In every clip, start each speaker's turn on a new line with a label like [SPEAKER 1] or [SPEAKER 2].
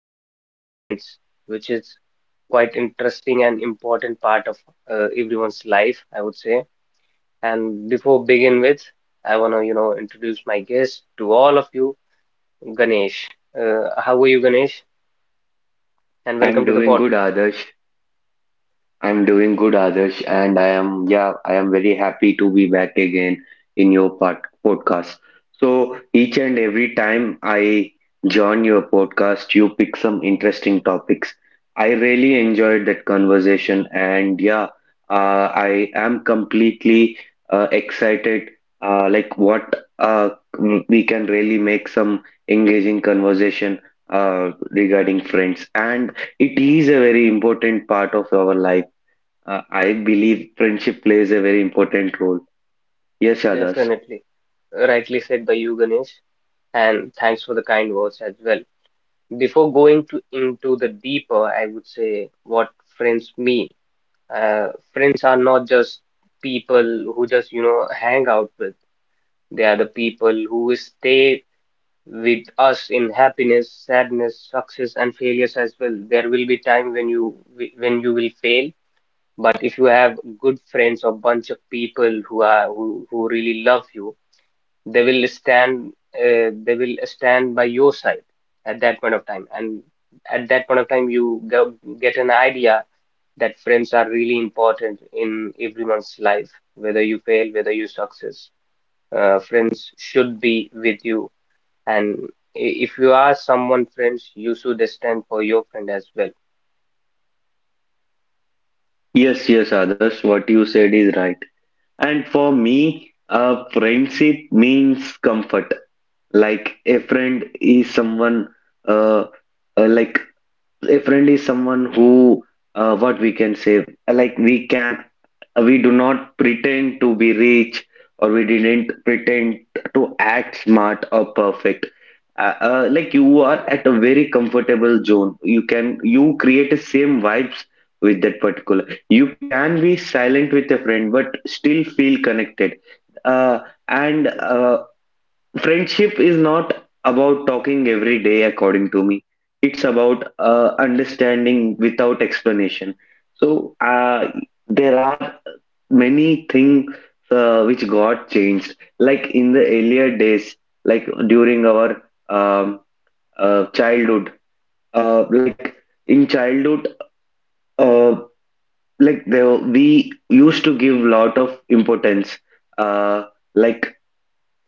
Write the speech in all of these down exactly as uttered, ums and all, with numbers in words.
[SPEAKER 1] about friends, which is quite interesting and important part of uh, everyone's life, I would say. And before begin with, I want to, you know, introduce my guest to all of you, Ganesh. Uh, how are you, Ganesh? And welcome
[SPEAKER 2] I'm
[SPEAKER 1] to the
[SPEAKER 2] doing good,
[SPEAKER 1] podcast.
[SPEAKER 2] Adarsh. I'm doing good, Adarsh, and I am, yeah, I am very happy to be back again in your pod podcast. So each and every time I join your podcast, you pick some interesting topics. I really enjoyed that conversation, and yeah, uh, I am completely uh, excited. Uh, like what, uh, we can really make some engaging conversation uh, regarding friends, and it is a very important part of our life. uh, I believe friendship plays a very important role. Yes, Adas.
[SPEAKER 1] Definitely, rightly said by you, Ganesh, and thanks for the kind words as well. Before going to into the deeper, I would say what friends mean. Uh, friends are not just people who just you know hang out with. They are the people who will stay with us in happiness, sadness, success, and failures as well. There will be time when you when you will fail, but if you have good friends or bunch of people who are who, who really love you, they will stand uh, they will stand by your side at that point of time, and at that point of time you go, get an idea that friends are really important in everyone's life, whether you fail, whether you success, uh, friends should be with you, and i- if you are someone friends you should stand for your friend as well.
[SPEAKER 2] Yes, yes, Adas. What you said is right. And for me, uh, friendship means comfort. Like a friend is someone, uh, uh, like a friend is someone who, uh, what we can say, like we can. Uh, we do not pretend to be rich, or we didn't pretend to act smart or perfect. Uh, uh, like you are at a very comfortable zone, you can, you create the same vibes with that particular. You can be silent with a friend but still feel connected. uh, and
[SPEAKER 1] Mm-hmm.
[SPEAKER 2] uh, friendship is not about talking every day, according to me. It's about uh, understanding without explanation. So uh, there are many things uh, which got changed, like in the earlier days, like during our um, uh, childhood. Uh, like in childhood, uh, like there we used to give lot of importance, uh, like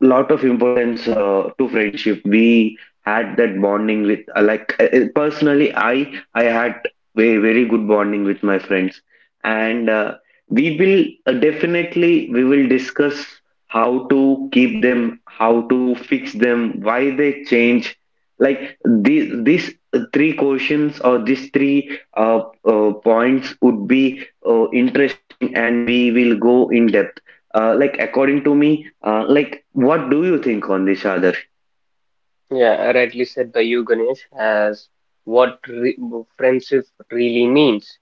[SPEAKER 2] lot of importance uh, to friendship. We had that bonding with, uh, like uh, uh, personally, I I had very very good bonding with my friends, and uh, we will, uh, definitely we will discuss how to keep them, how to fix them, why they change. Like these these three questions, or these three uh, uh, points, would be uh, interesting, and we will go in depth. Uh, like according to me, uh, like what do you think on this, Adarsh?
[SPEAKER 1] Yeah, rightly said by you, Ganesh, as what re friendship really means.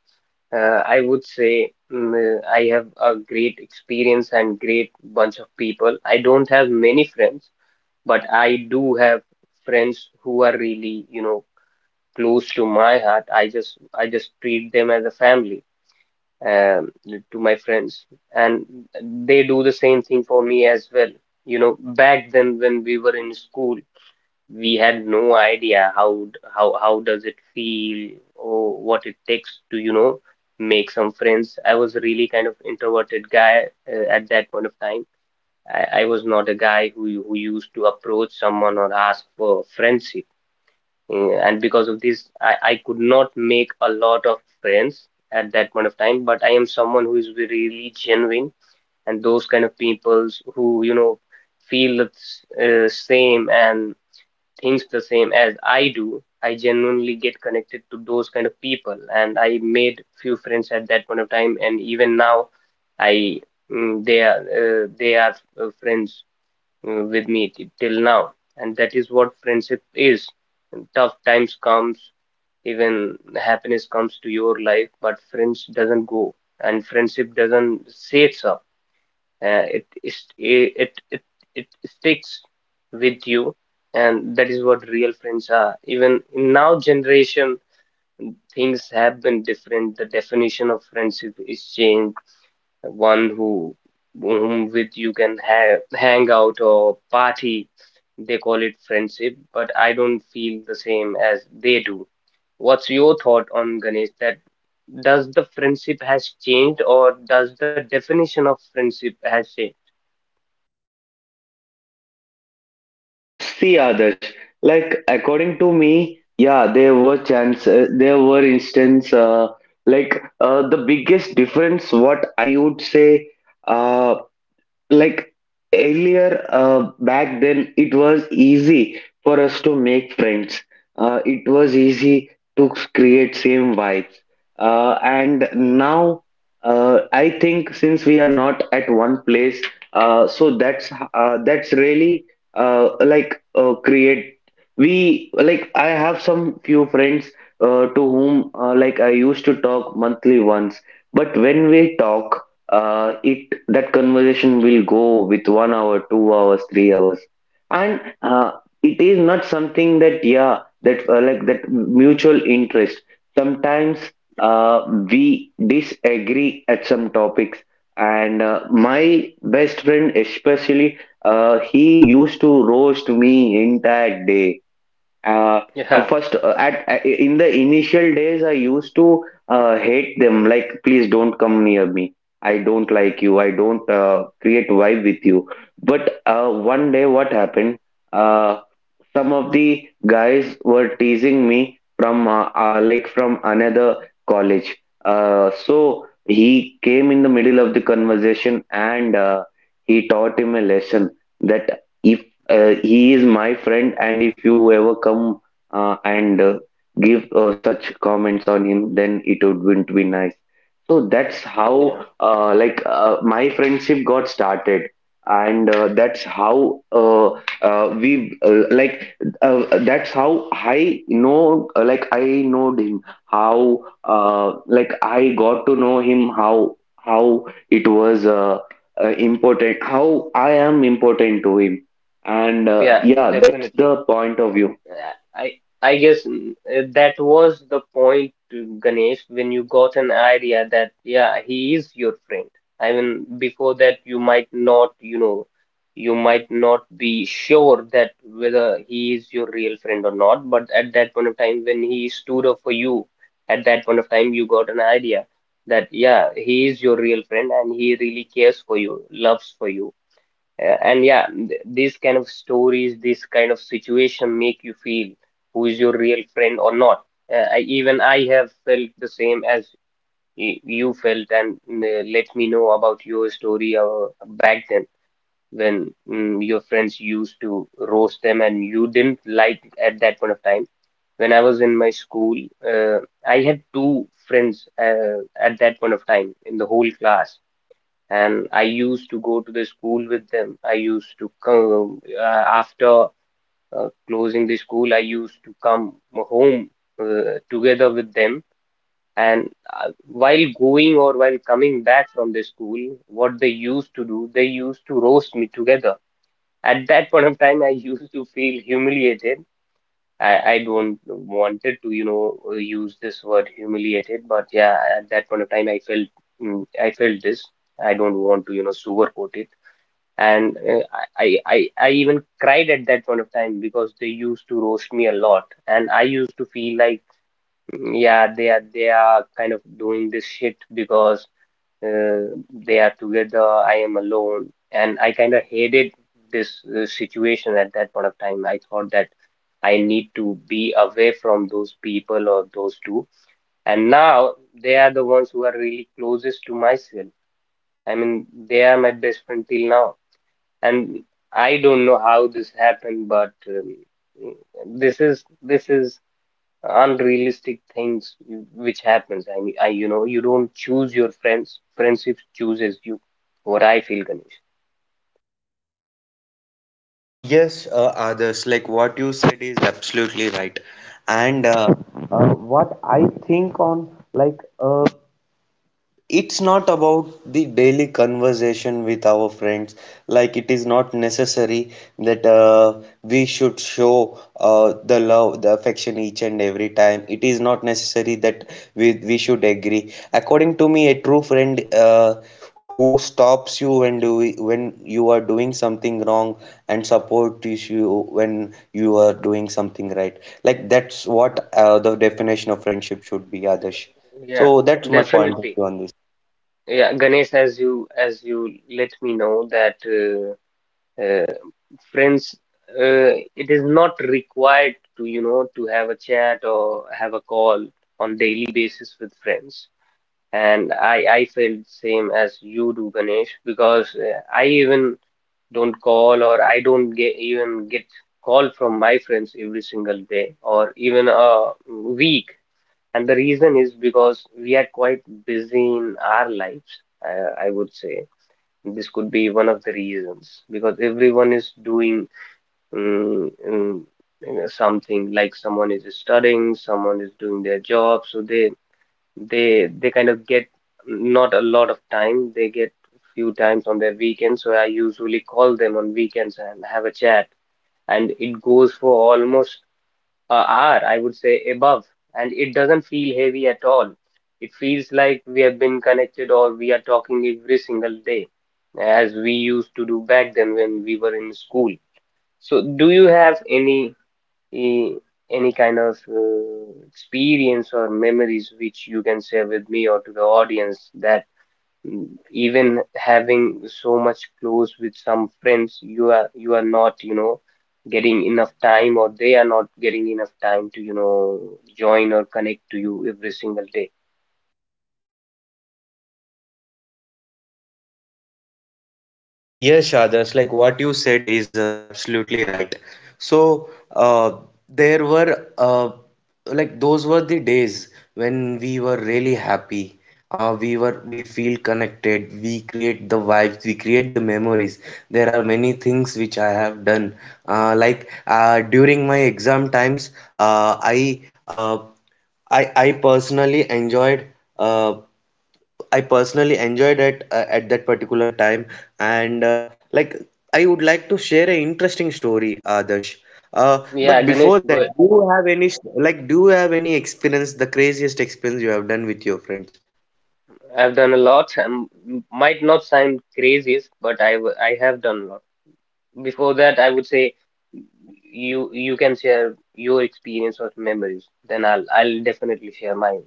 [SPEAKER 1] Uh, I would say mm, I have a great experience and great bunch of people. I don't have many friends, but I do have friends who are really, you know, close to my heart. I just I just treat them as a family, um, to my friends, and they do the same thing for me as well. You know, back then when we were in school, we had no idea how how how does it feel or what it takes to you know make some friends. I was really kind of introverted guy uh, at that point of time. I, I was not a guy who who used to approach someone or ask for friendship. Uh, And because of this, I, I could not make a lot of friends at that point of time, but I am someone who is really genuine, and those kind of peoples who, you know, feel the s- uh, same and thinks the same as I do, I genuinely get connected to those kind of people. And I made few friends at that point of time, and even now, I mm, they are uh, they are uh, friends uh, with me t- till now, and that is what friendship is. Tough times comes, even happiness comes to your life, but friends doesn't go, and friendship doesn't sets up. Uh, it is it, it it It sticks with you, and that is what real friends are. Even in now generation, things have been different, the definition of friendship is changed. One who whom with you can ha- hang out or party, they call it friendship, but I don't feel the same as they do. What's your thought on Ganesh, that does the friendship has changed, or does the definition of friendship has changed?
[SPEAKER 2] Uh, See, Adarsh, like according to me, yeah, there were chance, uh, there were instance, uh, like uh, the biggest difference, what I would say, uh, like earlier, uh, back then it was easy for us to make friends. Uh, it was easy to create same vibes. Uh, and
[SPEAKER 1] Yeah.
[SPEAKER 2] now uh, I think since we are not at one place. Uh, so that's uh, that's really uh, like uh, create. We, like I have some few friends, uh, to whom uh, like I used to talk monthly once, but when we talk, uh, it that conversation will go with one hour, two hours, three hours, and uh, it is not something that, yeah, that uh, like that mutual interest. Sometimes uh, we disagree at some topics, and uh, my best friend especially, uh, he used to roast me entire day. uh, uh,
[SPEAKER 1] Yeah,
[SPEAKER 2] First, uh, at, at in the initial days I used to uh, hate them, like please don't come near me, I don't like you, I don't uh, create vibe with you. But uh, one day what happened, uh, some of the guys were teasing me from uh, uh, like from another college. Uh, so he came in the middle of the conversation, and uh, he taught him a lesson, that if uh, he is my friend and if you ever come uh, and uh, give uh, such comments on him, then it wouldn't be nice. So that's
[SPEAKER 1] yeah,
[SPEAKER 2] how uh, like uh, my friendship got started. And uh, that's how uh, uh, we uh, like uh, that's how I know, uh, like I know him, how, uh, like I got to know him, how, how it was uh, uh, important, how I am important to him. And uh,
[SPEAKER 1] yeah,
[SPEAKER 2] yeah, that's
[SPEAKER 1] definitely.
[SPEAKER 2] the point of view.
[SPEAKER 1] Uh, I I guess mm, uh, that was the point, uh, Ganesh, when you got an idea that yeah, he is your friend. I mean, before that you might not, you know, you might not be sure that whether he is your real friend or not, but at that point of time when he stood up for you, at that point of time you got an idea that yeah, he is your real friend and he really cares for you, loves for you. Uh, and yeah, th- these kind of stories, this kind of situation make you feel who is your real friend or not. Uh, I, even I have felt the same as y- you felt, and mm, uh, let me know about your story uh, back then when mm, your friends used to roast them and you didn't like at that point of time. When I was in my school, uh, I had two friends uh, at that point of time in the whole class, and I used to go to the school with them. I used to come uh, after uh, closing the school, I used to come home uh, together with them. And uh, while going or while coming back from the school, what they used to do, they used to roast me together. At that point of time, I used to feel humiliated. I, I don't wanted to, you know, uh, use this word humiliated, but yeah, at that point of time, I felt mm, I felt this. I don't want to, you know, sugarcoat it, and uh, I, I I even cried at that point of time because they used to roast me a lot, and I used to feel like, "Mm, yeah, they are they are kind of doing this shit because uh, they are together, I am alone, and I kind of hated this uh, situation at that point of time. I thought that I need to be away from those people or those two, and now they are the ones who are really closest to myself. I mean, they are my best friend till now, and I don't know how this happened, but um, this is this is unrealistic things which happens. I mean, I you know you don't choose your friends; friendship chooses you. What I feel, Ganesh.
[SPEAKER 2] Yes, uh, others, like what you said is absolutely right. And uh, uh, what I think on, like, uh, it's not about the daily conversation with our friends. Like it is not necessary that uh, we should show uh, the love, the affection, each and every time. It is not necessary that we we should agree. According to me, a true friend, uh, who stops you when do, when you are doing something wrong, and supports you when you are doing something right, like that's what uh, the definition of friendship should be, adesh.
[SPEAKER 1] Yeah,
[SPEAKER 2] So that's my point of
[SPEAKER 1] definitely.
[SPEAKER 2] view on this.
[SPEAKER 1] Yeah, Ganesh, as you as you let me know that uh, uh, friends, uh, it is not required to you know to have a chat or have a call on daily basis with friends. And I I felt same as you do, Ganesh, because uh, I even don't call or I don't get even get call from my friends every single day or even a week. And the reason is because we are quite busy in our lives, I, I would say. This could be one of the reasons because everyone is doing mm, mm, you know, something like someone is studying, someone is doing their job, so they they they kind of get not a lot of time. They get few times on their weekends, so I usually call them on weekends and have a chat, and it goes for almost a hour, I would say above, and it doesn't feel heavy at all. It feels like we have been connected or we are talking every single day, as we used to do back then when we were in school. So, do you have any a- any kind of uh, experience or memories which you can share with me or to the audience that mm, even having so much close with some friends you are you are not you know getting enough time or they are not getting enough time to you know join or connect to you every single day?
[SPEAKER 2] Yeah, Shadas, like what you said is uh, absolutely right. So, uh, there were, uh, like those were the days when we were really happy. Uh, we were we feel connected. We create the vibes. We create the memories. There are many things which I have done. Uh, like uh, during my exam times, uh, I uh, I I personally enjoyed. Uh, I personally enjoyed it uh, at that particular time. And uh, like I would like to share an interesting story, Adarsh. Uh,
[SPEAKER 1] Yeah
[SPEAKER 2] but
[SPEAKER 1] Ganesh
[SPEAKER 2] before
[SPEAKER 1] go.
[SPEAKER 2] that, do you have any, like do you have any experience, the craziest experience you have done with your friends?
[SPEAKER 1] I've done a lot. I Might not sound crazy, but I w- I have done a lot. Before that, I would say you you can share your experience or memories. Then I'll I'll definitely share mine.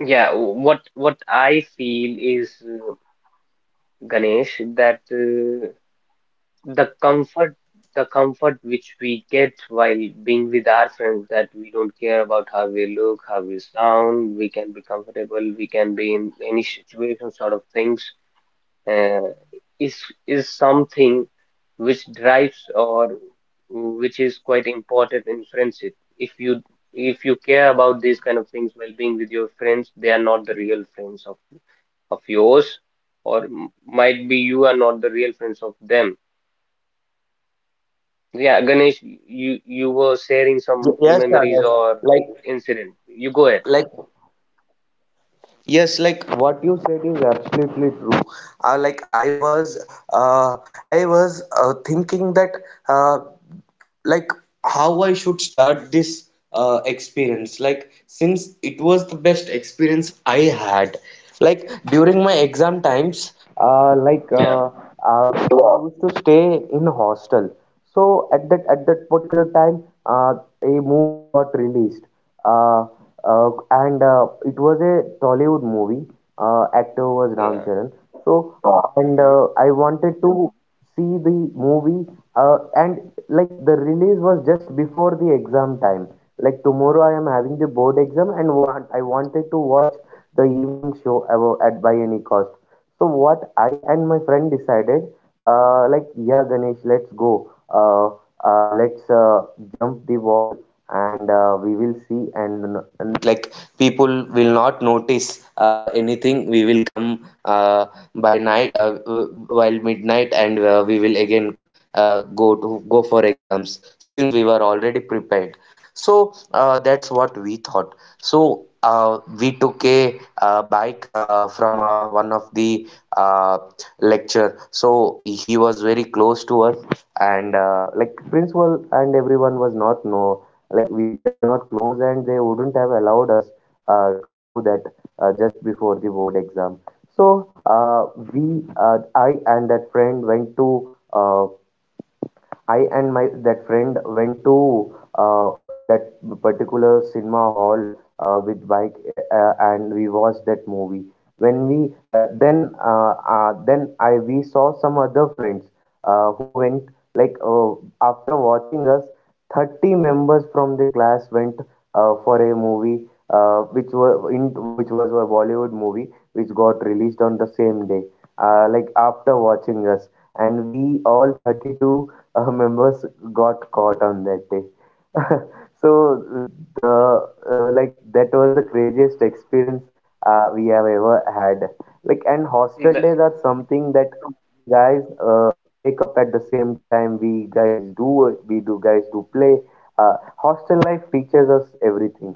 [SPEAKER 1] Yeah, what what I feel is uh, Ganesh that uh, the comfort the comfort which we get while being with our friends, that we don't care about how we look, how we sound, we can be comfortable, we can be in any situation sort of things, uh, is is something which drives or which is quite important in friendship. If you if you care about these kind of things while being with your friends, they are not the real friends of of yours, or m- might be you are not the real friends of them. Yeah, Ganesh, you you were sharing some
[SPEAKER 2] Yes,
[SPEAKER 1] memories
[SPEAKER 2] Adarsh.
[SPEAKER 1] or
[SPEAKER 2] Like,
[SPEAKER 1] incident. You go ahead.
[SPEAKER 2] like, yes, like what you said is absolutely true. Uh, like I was, uh, I was uh, thinking that. Uh, like how I should start this uh, experience. Like, since it was the best experience I had, like during my exam times, uh, like
[SPEAKER 1] Yeah,
[SPEAKER 2] uh, uh, I used to stay in hostel. So at that at that particular time, uh, a movie got released, uh, uh, and uh, it was a Tollywood movie. Uh, actor was Ram
[SPEAKER 1] yeah.
[SPEAKER 2] Charan. So and
[SPEAKER 1] Hmm.
[SPEAKER 2] uh, I wanted to see the movie, uh, and like the release was just before the exam time, like tomorrow I am having the board exam, and want, I wanted to watch the evening show abo- at by any cost. So what I and my friend decided, uh, like yeah Ganesh, let's go, uh, uh, let's uh, jump the wall, and uh, we will see, and, and like people will not notice uh, anything. We will come uh, by night, uh, w- while midnight, and uh, we will again uh, go to go for exams, since we were already prepared. So uh, that's what we thought. So uh, we took a uh, bike uh, from uh, one of the uh, lecture, so he was very close to us. And uh, like principal and everyone was not know, like we they were not close and they wouldn't have allowed us uh, to do that uh, just before the board exam. So uh, we uh, i and that friend went to uh, I and my that friend went to uh, that particular cinema hall uh, with bike, uh, uh, and we watched that movie. When we, uh, then uh, uh, then I we saw some other friends uh, who went, like uh, after watching us, thirty members from the class went uh, for a movie, uh, which were in which was a Bollywood movie which got released on the same day. Uh, like after watching us, and we all thirty-two uh, members got caught on that day. So the, uh, like that was the craziest experience uh, we have ever had. Like and hostel days are something that guys uh, wake up at the same time. We guys do we do guys do play. Uh, hostel life teaches us everything.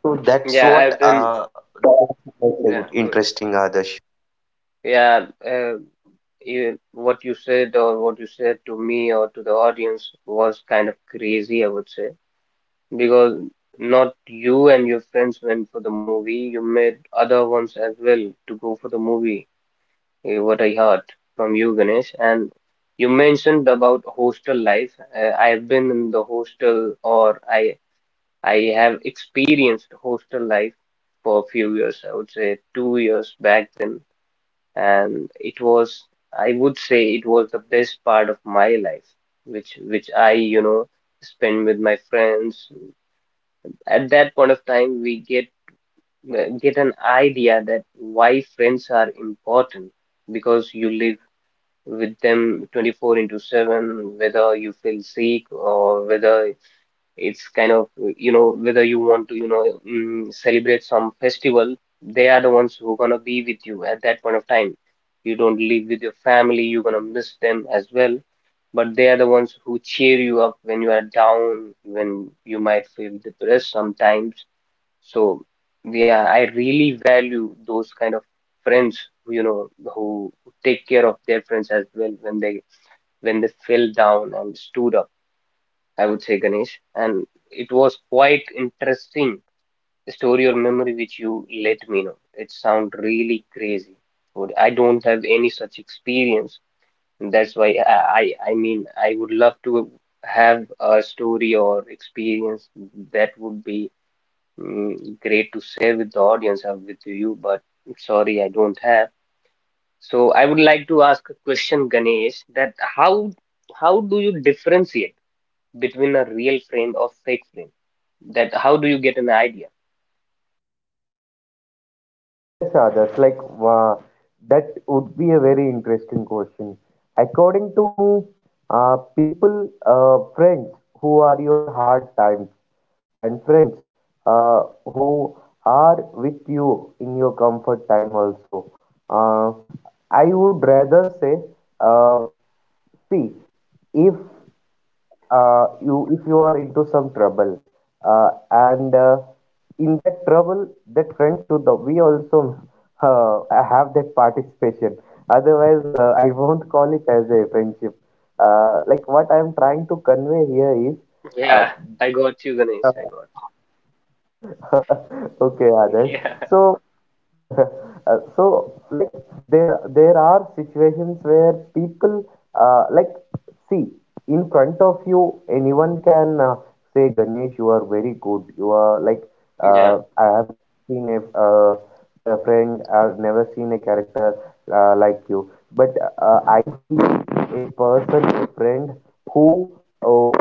[SPEAKER 2] So that's
[SPEAKER 1] Yeah,
[SPEAKER 2] what
[SPEAKER 1] I've been.
[SPEAKER 2] uh,
[SPEAKER 1] Yeah,
[SPEAKER 2] that's
[SPEAKER 1] go ahead.
[SPEAKER 2] interesting, Adarsh.
[SPEAKER 1] Yeah, uh, you, what you said or what you said to me or to the audience was kind of crazy, I would say, because not you and your friends went for the movie, you made other ones as well to go for the movie, eh, what I heard from you, Ganesh. And you mentioned about hostel life. Uh, I've been in the hostel, or I I have experienced hostel life for a few years, I would say two years back then, and it was, I would say it was the best part of my life which which I you know spend with my friends. At that point of time we get get an idea that why friends are important, because you live with them twenty four into seven whether you feel sick or whether it's kind of, you know, whether you want to, you know, mm, celebrate some festival, they are the ones who are gonna be with you at that point of time. You don't live with your family, you're gonna miss them as well, but they are the ones who cheer you up when you are down, when you might feel depressed sometimes. So, yeah, I really value those kind of friends, you know, who take care of their friends as well when they when they fell down and stood up. I would say, Ganesh. And it was quite interesting story or memory which you let me know. It sounds really crazy. Would- I don't have any such experience. And That's why I, I, I mean, I would love to have a story or experience that would be mm, great to share with the audience or with you, but sorry, I don't have. So I would like to ask a question, Ganesh, that how how do you differentiate between a real friend or fake friend? That how do you get an idea?
[SPEAKER 2] Yes, Adarsh, like wow, that would be a very interesting question. According to me, uh, people, uh, friends who are your hard times, and friends uh, who are with you in your comfort time also. Uh, I would rather say, uh, see, if uh, you if you are into some trouble, uh, and uh, in that trouble, that friend should, uh, we also uh, have that participation, otherwise uh, I won't call it as a friendship. Uh, like what I am trying to convey here is uh,
[SPEAKER 1] Yeah, I got you, Ganesh. I
[SPEAKER 2] uh,
[SPEAKER 1] got you.
[SPEAKER 2] okay others,
[SPEAKER 1] Yeah,
[SPEAKER 2] so Uh, so like there are- there are situations where people, uh, like see, in front of you anyone can uh, say Ganesh you are very good, you are like,
[SPEAKER 1] yeah,
[SPEAKER 2] uh, I have seen a, uh, a friend. I've never seen a character uh, like you, but uh, I believe a person, a friend who uh,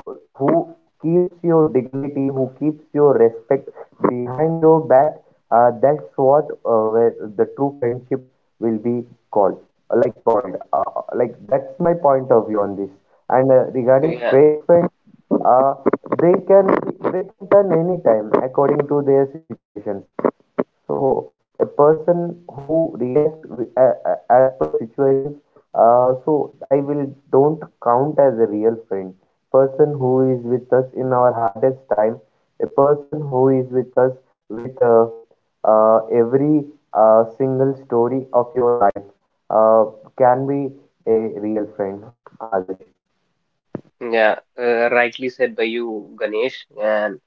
[SPEAKER 2] who keeps your dignity, who keeps your respect behind your back, uh, that's what uh, where the true friendship will be called, uh, like called uh, uh, like that's my point of view on this. And uh, regarding
[SPEAKER 1] yeah,
[SPEAKER 2] fake friends, uh, they can they can turn anytime according to their situations. So a person who react wi- a- a- as per situations, uh, so I will don't count as a real friend. Person who is with us in our hardest time, a person who is with us with, uh, uh, every uh, single story of your life, uh, can be a real friend, Adarsh.
[SPEAKER 1] yeah. Uh, rightly said by you, Ganesh. And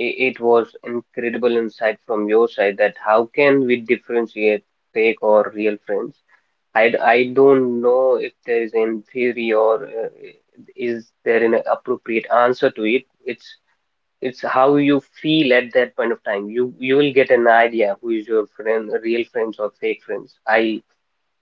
[SPEAKER 1] i- it was incredible insight from your side that how can we differentiate fake or real friends? I I d- I don't know if there is an theory or uh, is there an appropriate answer to it. It's it's how you feel at that point of time you you will get an idea who is your friend, real friends or fake friends. i i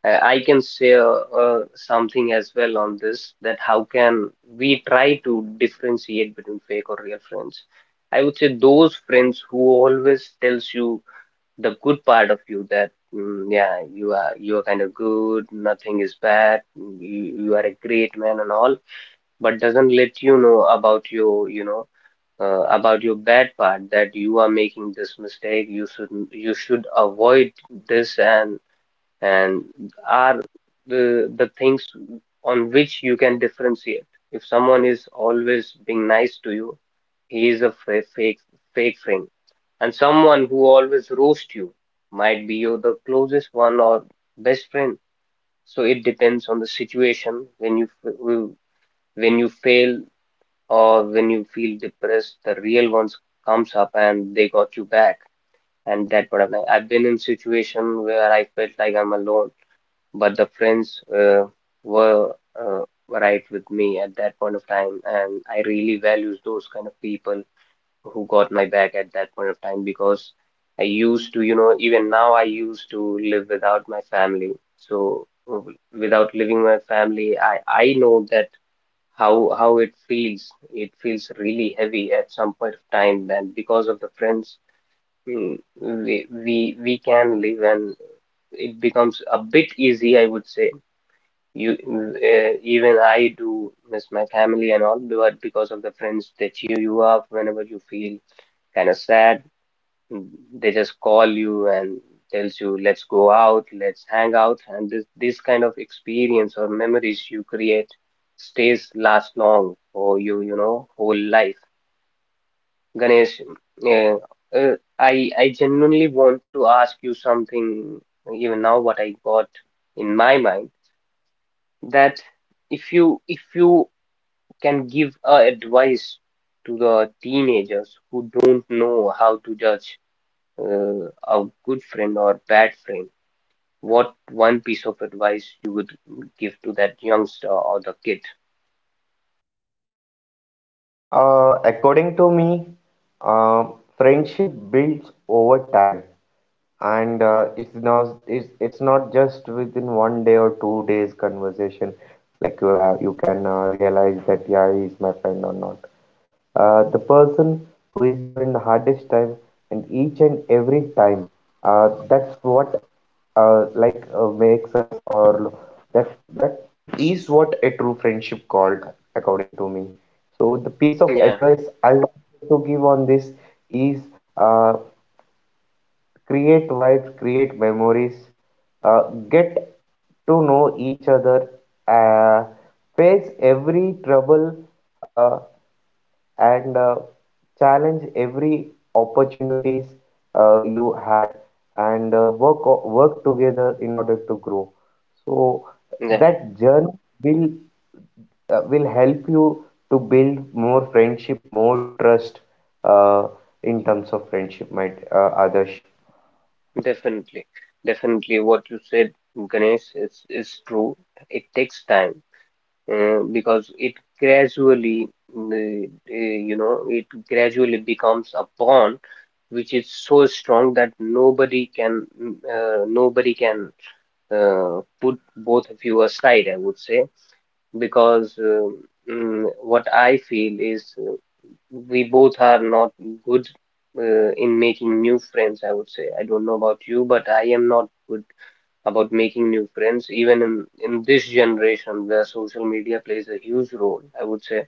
[SPEAKER 1] I can share uh, something as well on this, that how can we try to differentiate between fake or real friends. I would say those friends who always tells you the good part of you, that mm, yeah, you are you are kind of good, nothing is bad, you, you are a great man and all, but doesn't let you know about your you know uh, about your bad part, that you are making this mistake, you should you should avoid this, and and are the the things on which you can differentiate. If someone is always being nice to you, he is a fa- fake fake friend, and someone who always roast you might be your the closest one or best friend. So it depends on the situation. When you f- when you fail or when you feel depressed, the real ones comes up and they got you back. And that what happened. I've been in situation where I felt like I'm alone, but the friends uh, were uh, right with me at that point of time, and I really values those kind of people who got my back at that point of time, because I used to, you know, even now I used to live without my family. So w- Without living my family, I I know that how how it feels. It feels really heavy at some point of time, and because of the friends, mm, we we we can live and it becomes a bit easy, I would say. You uh, Even I do miss my family and all, but because of the friends, they cheer you up whenever you feel kind of sad. Mm, They just call you and tells you, let's go out, let's hang out. And this, this kind of experience or memories you create stays last long for you, you know, whole life. Ganesh, uh, uh, I, I genuinely want to ask you something. Even now, what I got in my mind, that if you, if you can give a advice to the teenagers who don't know how to judge uh, a good friend or bad friend, what one piece of advice you would give to that youngster or the kid?
[SPEAKER 2] See, uh, according to me, uh, friendship builds over time, and uh, it's not it's, it's not just within one day or two days conversation. Like you have, you can uh, realize that, yeah, he's my friend or not. Uh, the person who is your in the hardest time and each and every time, uh, that's what uh, like uh, makes us, or that that is what a true friendship called, according to me. So the piece of
[SPEAKER 1] Yeah,
[SPEAKER 2] advice I want to give on this is uh, create vibes, create memories, uh, get to know each other, uh, face every trouble, uh, and uh, challenge every opportunities uh, you had. And uh, work o- work together in order to grow. So
[SPEAKER 1] yeah,
[SPEAKER 2] that journey will uh, will help you to build more friendship, more trust, uh, in terms of friendship might uh, others.
[SPEAKER 1] definitely. Definitely what you said, Ganesh, is is true. It takes time uh, because it gradually, mm, uh, uh, you know, it gradually becomes a bond which is so strong that nobody can, mm, uh, nobody can uh, put both of you aside, I would say, because uh, mm, what I feel is, uh, we both are not good uh, in making new friends, I would say. I don't know about you, but I am not good about making new friends, even in, in this generation where social media plays a huge role, I would say.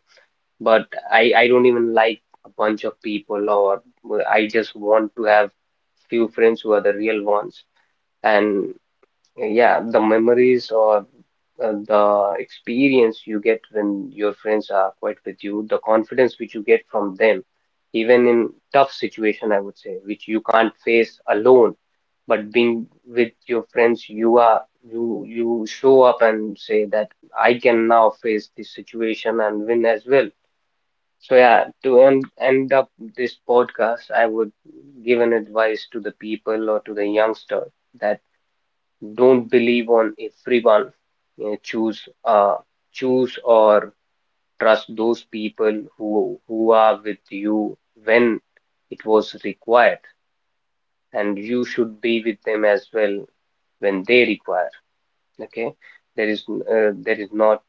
[SPEAKER 1] But I, I don't even like a bunch of people, or uh, I just want to have few friends who are the real ones. And yeah, the memories or uh, the experience you get when your friends are quite with you, the confidence which you get from them, even in tough situation, I would say, which you can't face alone, but being with your friends, you are, you you show up and say that I can now face this situation and win as well. So yeah, to end end up this podcast, I would give an advice to the people or to the youngster that don't believe on everyone, you know. Choose uh choose or trust those people who who are with you when it was required, and you should be with them as well when they require. Okay, there is uh, there is not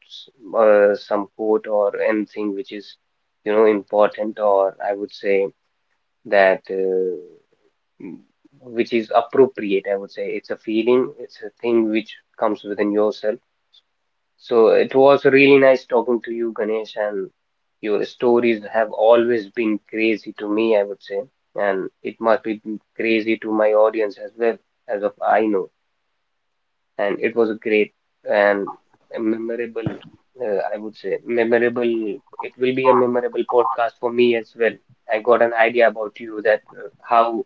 [SPEAKER 1] uh, some quote or anything which is, you know, important, or I would say that uh, mm, which is appropriate, I would say. It's a feeling, it's a thing which comes within yourself. So it was really nice talking to you, Ganesh, and your stories have always been crazy to me, I would say, and it must be crazy to my audience as well, as of I know. And it was a great and a memorable, uh, I would say, memorable. It will be a memorable podcast for me as well. I got an idea about you, that uh, how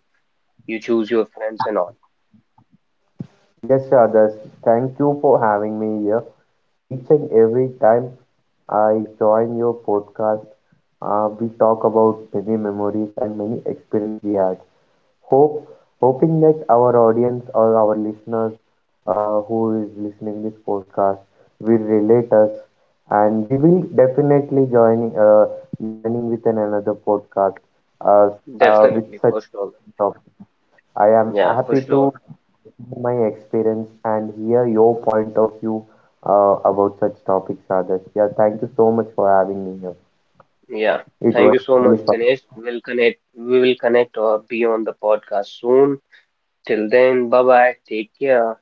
[SPEAKER 1] you choose your friends and all.
[SPEAKER 2] Yes, Adarsh, thank you for having me here. Each and every time I join your podcast, uh, we talk about many memories and many experience we had. Hope, hoping that our audience or our listeners uh, who is listening this podcast will relate us, and we will definitely joining, uh, joining with an another podcast, uh, uh, with
[SPEAKER 1] Definitely,
[SPEAKER 2] such
[SPEAKER 1] for sure.
[SPEAKER 2] topic. I am
[SPEAKER 1] Yeah, for
[SPEAKER 2] happy
[SPEAKER 1] sure.
[SPEAKER 2] to share my experience and hear your point of view uh, about such topics, Adarsh. Yeah, thank you so much for having me here.
[SPEAKER 1] Yeah,
[SPEAKER 2] It
[SPEAKER 1] thank
[SPEAKER 2] was
[SPEAKER 1] you so much,
[SPEAKER 2] really fun.
[SPEAKER 1] Ganesh. We'll connect, we will connect or be on the podcast soon.
[SPEAKER 2] Yes, yes,
[SPEAKER 1] Till
[SPEAKER 2] Adarsh.
[SPEAKER 1] then, bye bye. Take care.